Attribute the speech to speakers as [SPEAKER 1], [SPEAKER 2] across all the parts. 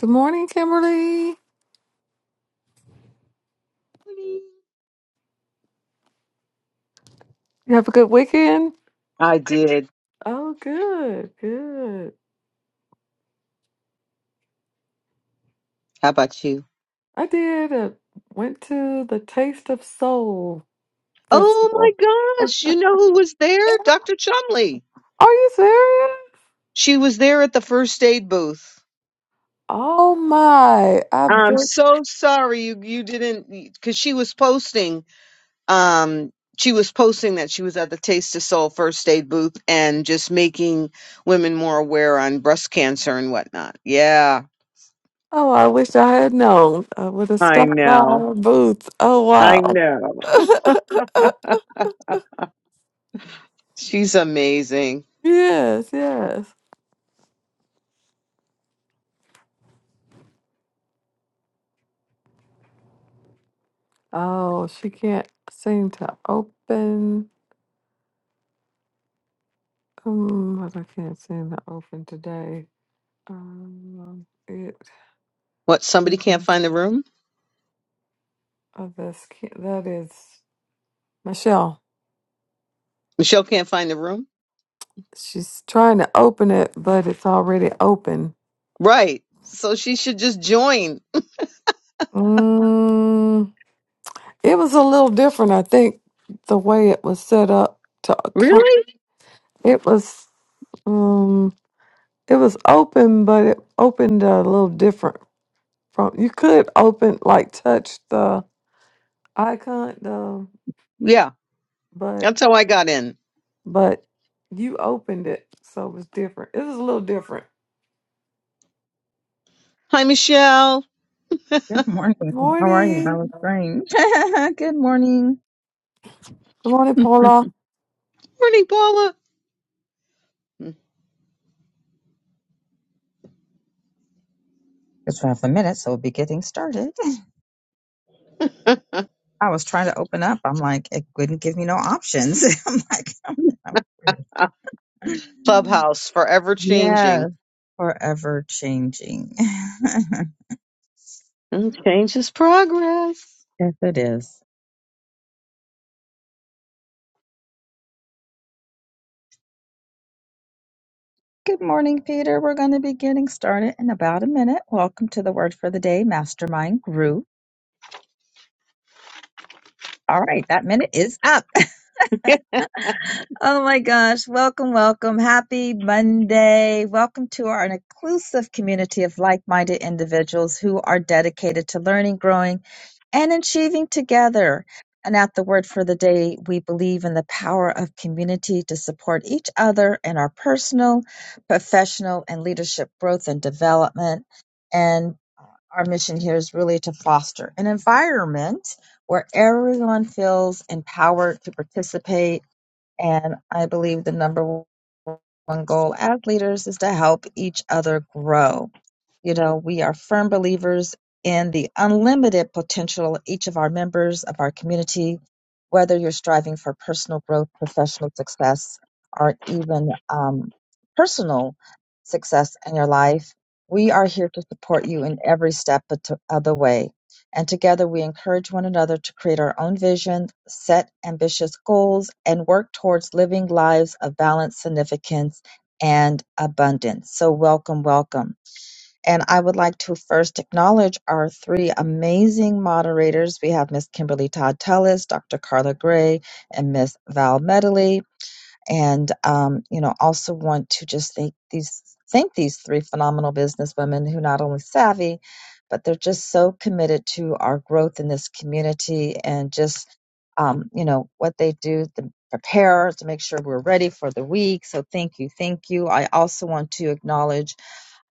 [SPEAKER 1] Good morning, Kimberly. You have a good weekend?
[SPEAKER 2] I
[SPEAKER 1] I did.
[SPEAKER 2] did.
[SPEAKER 1] Oh, good, good.
[SPEAKER 2] How about you?
[SPEAKER 1] I did. uh went to the Taste of Soul
[SPEAKER 2] Oh my
[SPEAKER 1] Festival.
[SPEAKER 2] gosh. You know who was there? Dr. Chumley.
[SPEAKER 1] Are you serious?
[SPEAKER 2] She was there at the first aid booth.
[SPEAKER 1] Oh my! I
[SPEAKER 2] I'm
[SPEAKER 1] been,
[SPEAKER 2] so sorry you, you didn't because she was posting um she was posting that she was at the Taste of Soul first aid booth and just making women more aware on breast cancer and whatnot. Yeah.
[SPEAKER 1] oh, I wish I had known. I would have
[SPEAKER 2] I
[SPEAKER 1] stopped by
[SPEAKER 2] know.
[SPEAKER 1] our booth. Oh
[SPEAKER 2] I
[SPEAKER 1] wow!
[SPEAKER 2] know. She's amazing.
[SPEAKER 1] yes, yes. Oh, she can't seem to open. Um, what I can't seem to open today. Um,
[SPEAKER 2] What somebody can't
[SPEAKER 1] goodness.
[SPEAKER 2] find the room?
[SPEAKER 1] Oh, that's cute. That is Michelle.
[SPEAKER 2] Michelle can't find the room?
[SPEAKER 1] She's trying to open it, but it's already open.
[SPEAKER 2] Right. So she should just join.
[SPEAKER 1] Mm, it was a little different, I think, the way it was set up. To co-
[SPEAKER 2] Really?
[SPEAKER 1] it was um, it was open, but it opened a little different. From you could open like touch the icon, the
[SPEAKER 2] Yeah.
[SPEAKER 1] but
[SPEAKER 2] That's how I got in.
[SPEAKER 1] but you opened it, so it was different. It was a little different.
[SPEAKER 2] Hi, Michelle.
[SPEAKER 3] Good morning.
[SPEAKER 1] Good
[SPEAKER 3] How are you? That
[SPEAKER 1] morning.
[SPEAKER 3] was great. Good morning.
[SPEAKER 1] Good morning, Paula.
[SPEAKER 2] Morning, Paula.
[SPEAKER 3] It's five the minute, so we'll be getting started. I was trying to open up. I'm like, it wouldn't give me no options. I'm like, I'm weird.
[SPEAKER 2] Clubhouse forever
[SPEAKER 3] yeah,
[SPEAKER 2] changing.
[SPEAKER 3] forever changing.
[SPEAKER 2] And change is progress.
[SPEAKER 3] yes, it is. Good morning, Peter. We're going to be getting started in about a minute. Welcome to the Word for the Day Mastermind Group. All right, that minute is up. Oh my gosh. Welcome, welcome. Happy Monday. Welcome to our inclusive community of like minded individuals who are dedicated to learning, growing, and achieving together. And at the word for the day, we believe in the power of community to support each other in our personal, professional, and leadership growth and development. And our mission here is really to foster an environment where everyone feels empowered to participate and I believe the number one goal as leaders is to help each other grow. You know, we are firm believers in the unlimited potential of each of our members of our community, whether you're striving for personal growth, professional success, or even um, personal success in your life. We are here to support you in every step of the of the way and together we encourage one another to create our own vision, set ambitious goals, and work towards living lives of balance, significance, and abundance. So, welcome, welcome. And I would like to first acknowledge our three amazing moderators. We have Miss Kimberly Todd Tellis, Dr. Carla Gray, and Miss Val Medley and um, you know also want to just thank these thank these three phenomenal businesswomen who not only savvy but they're just so committed to our growth in this community and just um, you know what they do to prepare to make sure we're ready for the week so thank you thank you i also want to acknowledge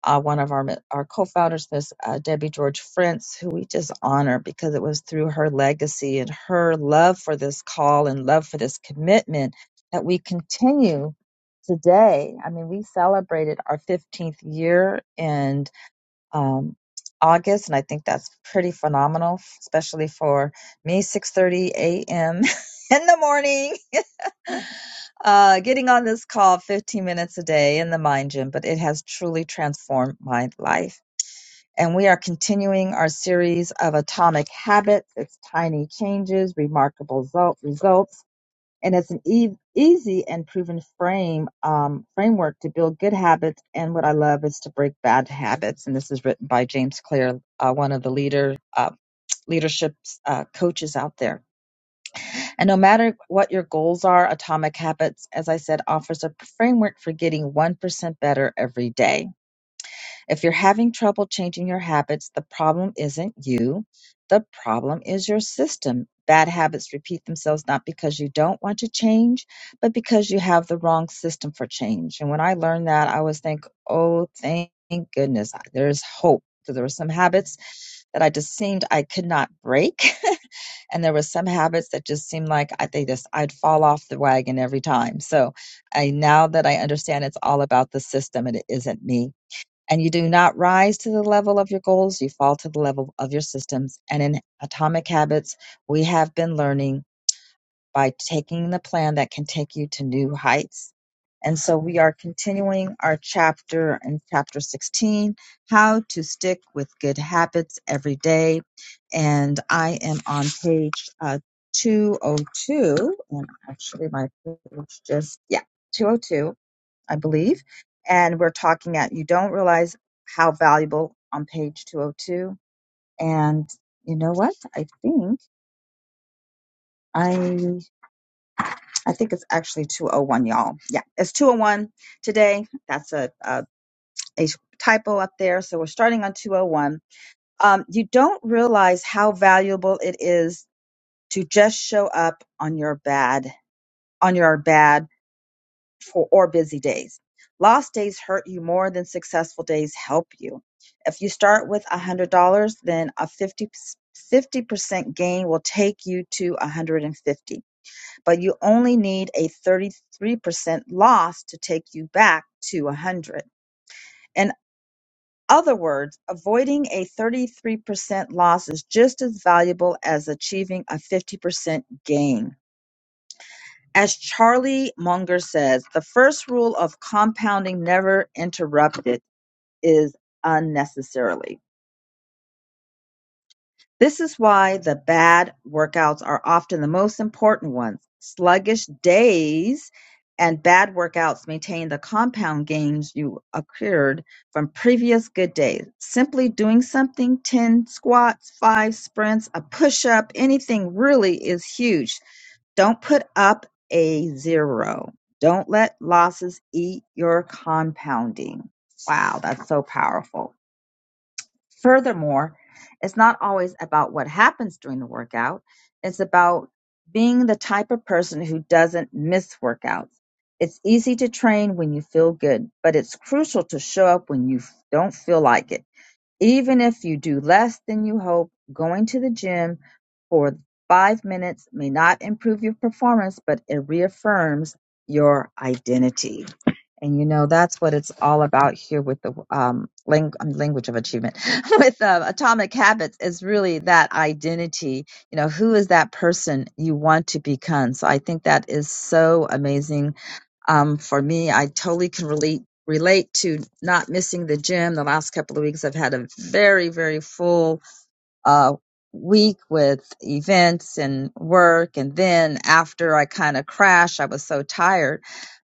[SPEAKER 3] uh, one of our our co-founders, Miss uh, Debbie George Frentz, who we just honor because it was through her legacy and her love for this call and love for this commitment that we continue today. I mean, we celebrated our 15th year in um, August, and I think that's pretty phenomenal, especially for me, 6:30 a.m. in the morning. uh, getting on this call 15 minutes a day in the mind gym, but it has truly transformed my life. And we are continuing our series of atomic habits. It's tiny changes, remarkable result, results, and it's an e- easy and proven frame um, framework to build good habits. And what I love is to break bad habits. And this is written by James Clear, uh, one of the leader uh, leadership uh, coaches out there. And no matter what your goals are, Atomic Habits, as I said, offers a framework for getting 1% better every day. If you're having trouble changing your habits, the problem isn't you, the problem is your system. Bad habits repeat themselves not because you don't want to change, but because you have the wrong system for change. And when I learned that, I was think, oh, thank goodness, there's hope. Because there were some habits that I just seemed I could not break. and there was some habits that just seemed like I they just I'd fall off the wagon every time. So I now that I understand it's all about the system and it isn't me. And you do not rise to the level of your goals, you fall to the level of your systems. And in Atomic Habits, we have been learning by taking the plan that can take you to new heights. And so we are continuing our chapter in chapter 16, how to stick with good habits every day. And I am on page uh, 202, and actually my page just, yeah, 202, I believe. And we're talking at you don't realize how valuable on page 202. And you know what? I think I I think it's actually 201, y'all. Yeah, it's 201 today. That's a, a, a typo up there. So we're starting on 201. Um, you don't realize how valuable it is to just show up on your bad, on your bad for, or busy days. Lost days hurt you more than successful days help you. If you start with $100, then a 50, 50% gain will take you to 150 but you only need a 33% loss to take you back to 100. In other words, avoiding a 33% loss is just as valuable as achieving a 50% gain. As Charlie Munger says, the first rule of compounding never interrupted is unnecessarily. This is why the bad workouts are often the most important ones. Sluggish days and bad workouts maintain the compound gains you accrued from previous good days. Simply doing something 10 squats, 5 sprints, a push up, anything really is huge. Don't put up a zero. Don't let losses eat your compounding. Wow, that's so powerful. Furthermore, it's not always about what happens during the workout. It's about being the type of person who doesn't miss workouts. It's easy to train when you feel good, but it's crucial to show up when you f- don't feel like it. Even if you do less than you hope, going to the gym for five minutes may not improve your performance, but it reaffirms your identity. And you know, that's what it's all about here with the um, lang- um, language of achievement, with uh, atomic habits, is really that identity. You know, who is that person you want to become? So I think that is so amazing. Um, for me, I totally can relate relate to not missing the gym. The last couple of weeks, I've had a very, very full uh, week with events and work. And then after I kind of crashed, I was so tired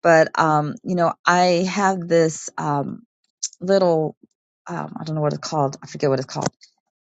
[SPEAKER 3] but um, you know, I have this um, little um, I don't know what it's called. I forget what it's called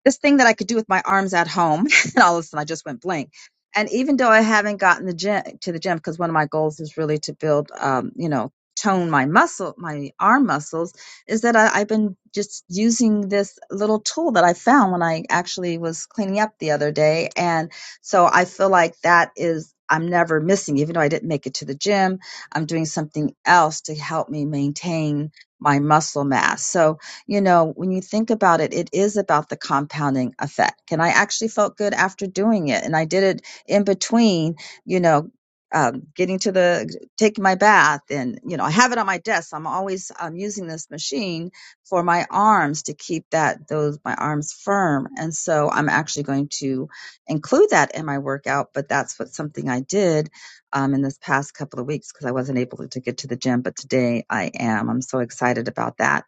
[SPEAKER 3] this thing that I could do with my arms at home. and all of a sudden, I just went blank. And even though I haven't gotten the gym to the gym, because one of my goals is really to build, um, you know, tone my muscle, my arm muscles, is that I, I've been just using this little tool that I found when I actually was cleaning up the other day. And so I feel like that is, I'm never missing, even though I didn't make it to the gym, I'm doing something else to help me maintain my muscle mass. So, you know, when you think about it, it is about the compounding effect. And I actually felt good after doing it. And I did it in between, you know, um, getting to the taking my bath and you know i have it on my desk so i'm always um, using this machine for my arms to keep that those my arms firm and so i'm actually going to include that in my workout but that's what something i did um, in this past couple of weeks because i wasn't able to get to the gym but today i am i'm so excited about that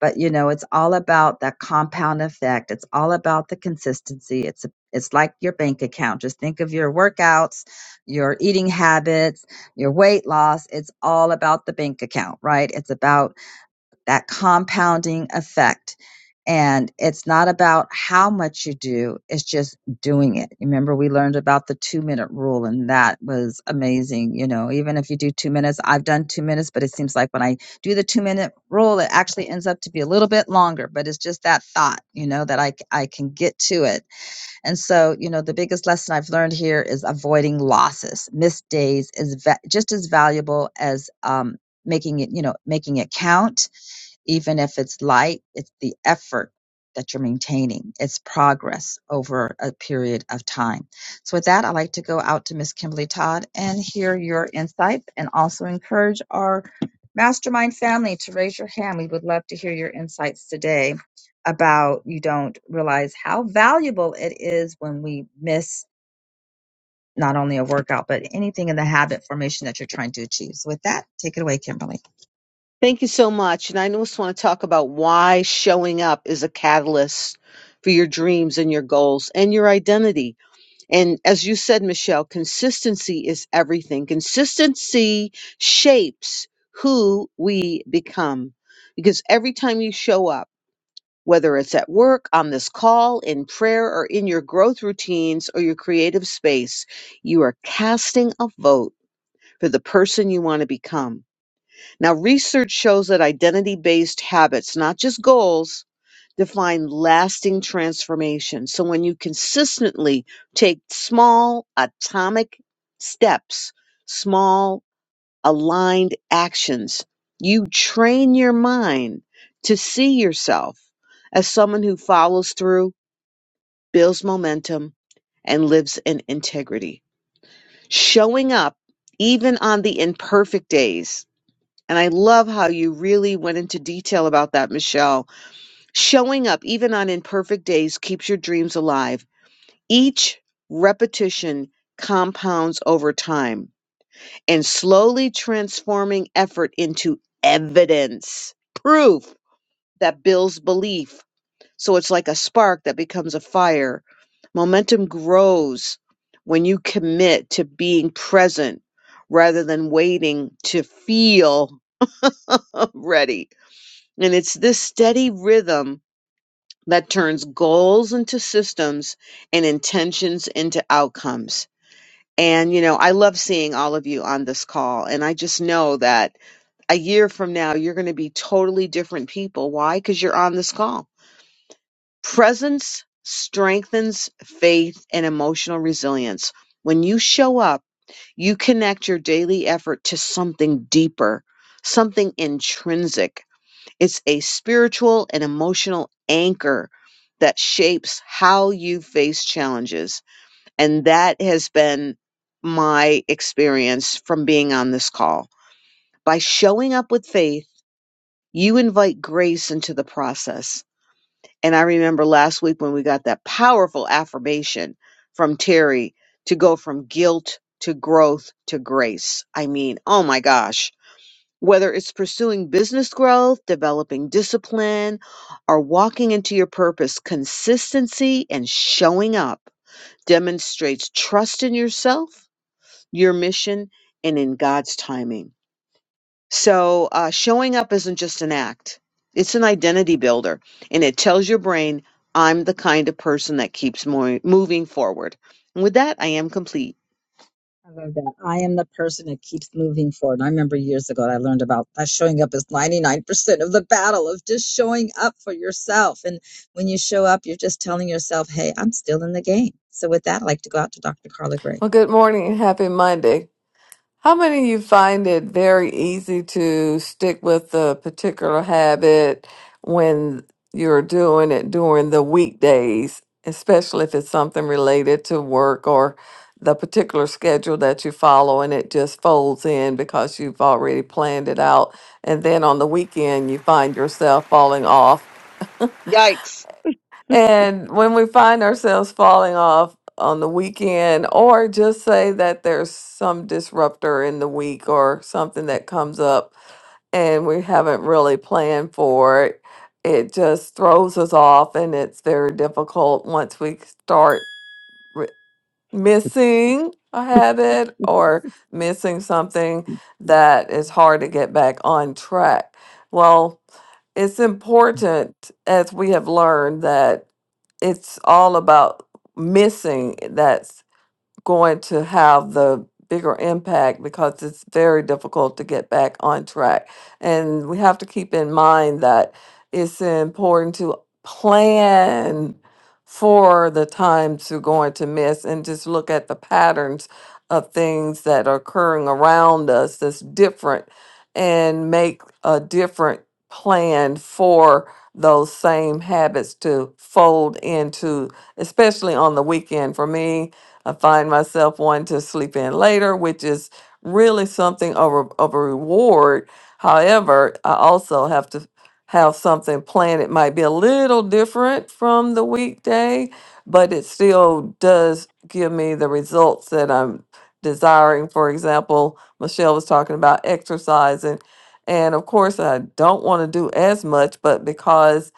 [SPEAKER 3] but you know it's all about that compound effect it's all about the consistency it's a, it's like your bank account just think of your workouts your eating habits your weight loss it's all about the bank account right it's about that compounding effect. And it's not about how much you do, it's just doing it. Remember, we learned about the two minute rule, and that was amazing. You know, even if you do two minutes, I've done two minutes, but it seems like when I do the two minute rule, it actually ends up to be a little bit longer, but it's just that thought, you know, that I, c- I can get to it. And so, you know, the biggest lesson I've learned here is avoiding losses. Missed days is va- just as valuable as um, making it, you know, making it count even if it's light, it's the effort that you're maintaining. It's progress over a period of time. So with that, I'd like to go out to Miss Kimberly Todd and hear your insights and also encourage our mastermind family to raise your hand. We would love to hear your insights today about you don't realize how valuable it is when we miss not only a workout, but anything in the habit formation that you're trying to achieve. So with that, take it away, Kimberly.
[SPEAKER 2] Thank you so much. And I just want to talk about why showing up is a catalyst for your dreams and your goals and your identity And as you said, Michelle, consistency is everything. Consistency shapes who we become. Because every time you show up, whether it's at work, on this call, in prayer, or in your growth routines or your creative space, you are casting a vote for the person you want to become. Now, research shows that identity based habits, not just goals, define lasting transformation. So when you consistently take small atomic steps, small aligned actions, you train your mind to see yourself as someone who follows through, builds momentum, and lives in integrity. Showing up even on the imperfect days. And I love how you really went into detail about that, Michelle Showing up, even on imperfect days, keeps your dreams alive. Each repetition compounds over time and slowly transforming effort into evidence, proof that builds belief. So it's like a spark that becomes a fire. Momentum grows when you commit to being present rather than waiting to feel ready. And it's this steady rhythm that turns goals into systems and intentions into outcomes. And, you know, I love seeing all of you on this call. And I just know that a year from now, you're going to be totally different people. Why? Because you're on this call. Presence strengthens faith and emotional resilience. When you show up, you connect your daily effort to something deeper, something intrinsic it's a spiritual and emotional anchor that shapes how you face challenges. And that has been my experience from being on this call. By showing up with faith, you invite grace into the process. And I remember last week when we got that powerful affirmation from Terry to go from guilt to growth to grace. I mean, oh my gosh whether it's pursuing business growth, developing discipline, or walking into your purpose, consistency and showing up demonstrates trust in yourself, your mission, and in God's timing. So, uh, showing up isn't just an act, it's an identity builder, and it tells your brain, I'm the kind of person that keeps mo- moving forward. And with that, I am complete.
[SPEAKER 3] I love that. I am the person that keeps moving forward. I remember years ago I learned about that showing up is 99% of the battle of just showing up for yourself. And when you show up, you're just telling yourself, hey, I'm still in the game. So with that, I'd like to go out to Dr. Carla Gray.
[SPEAKER 1] Well, good morning and happy Monday. How many of you find it very easy to stick with a particular habit when you're doing it during the weekdays, especially if it's something related to work or the particular schedule that you follow and it just folds in because you've already planned it out. And then on the weekend, you find yourself falling off
[SPEAKER 2] Yikes.
[SPEAKER 1] and when we find ourselves falling off on the weekend, or just say that there's some disruptor in the week or something that comes up and we haven't really planned for it, it just throws us off and it's very difficult once we start missing a habit or missing something that is hard to get back on track. Well, it's important, as we have learned, that it's all about missing that going to have the bigger impact because it's very difficult to get back on track. And we have to keep in mind that it's important to plan for the times you're going to miss and just look at the patterns of things that are occurring around us that's different and make a different plan for those same habits to fold into especially on the weekend for me I find myself wanting to sleep in later, which is really something of a, of a reward. However, I also have to have something planned. It might be a little different from the weekday, but it still does give me the results that I'm desiring. For example, Michelle was talking about exercising. And of course, I don't want to do as much, but because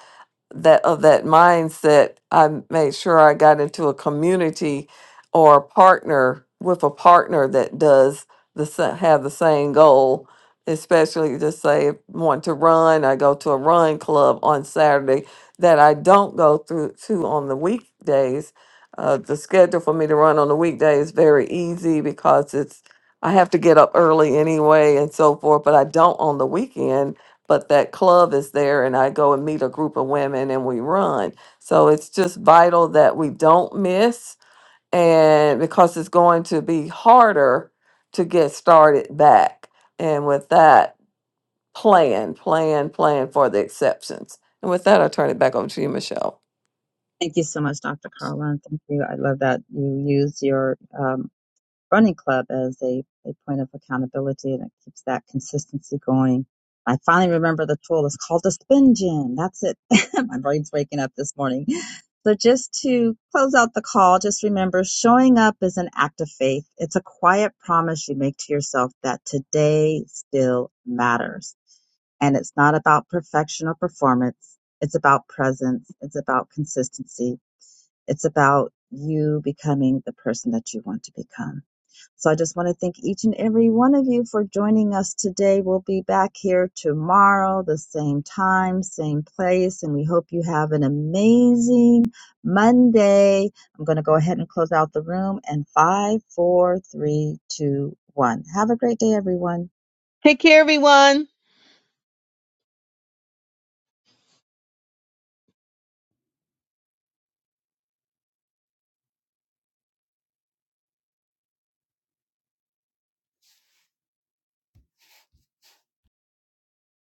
[SPEAKER 1] that of that mindset, I made sure I got into a community or a partner with a partner that does the sa- have the same goal. Especially to say if I want to run, I go to a run club on Saturday that I don't go through to on the weekdays. Uh, the schedule for me to run on the weekday is very easy because it's I have to get up early anyway and so forth, but I don't on the weekend but that club is there and I go and meet a group of women and we run. So it's just vital that we don't miss and because it's going to be harder to get started back. And with that, plan, plan, plan for the exceptions. And with that, I'll turn it back over to you, Michelle.
[SPEAKER 3] Thank you so much, Dr. Carla. And thank you. I love that you use your um, running club as a, a point of accountability and it keeps that consistency going. I finally remember the tool is called the spin gym. That's it. My brain's waking up this morning. So just to close out the call, just remember showing up is an act of faith. It's a quiet promise you make to yourself that today still matters. And it's not about perfection or performance. It's about presence. It's about consistency. It's about you becoming the person that you want to become. So I just want to thank each and every one of you for joining us today. We'll be back here tomorrow, the same time, same place, and we hope you have an amazing Monday. I'm going to go ahead and close out the room and five, four, three, two, one. Have a great day, everyone.
[SPEAKER 2] Take care, everyone.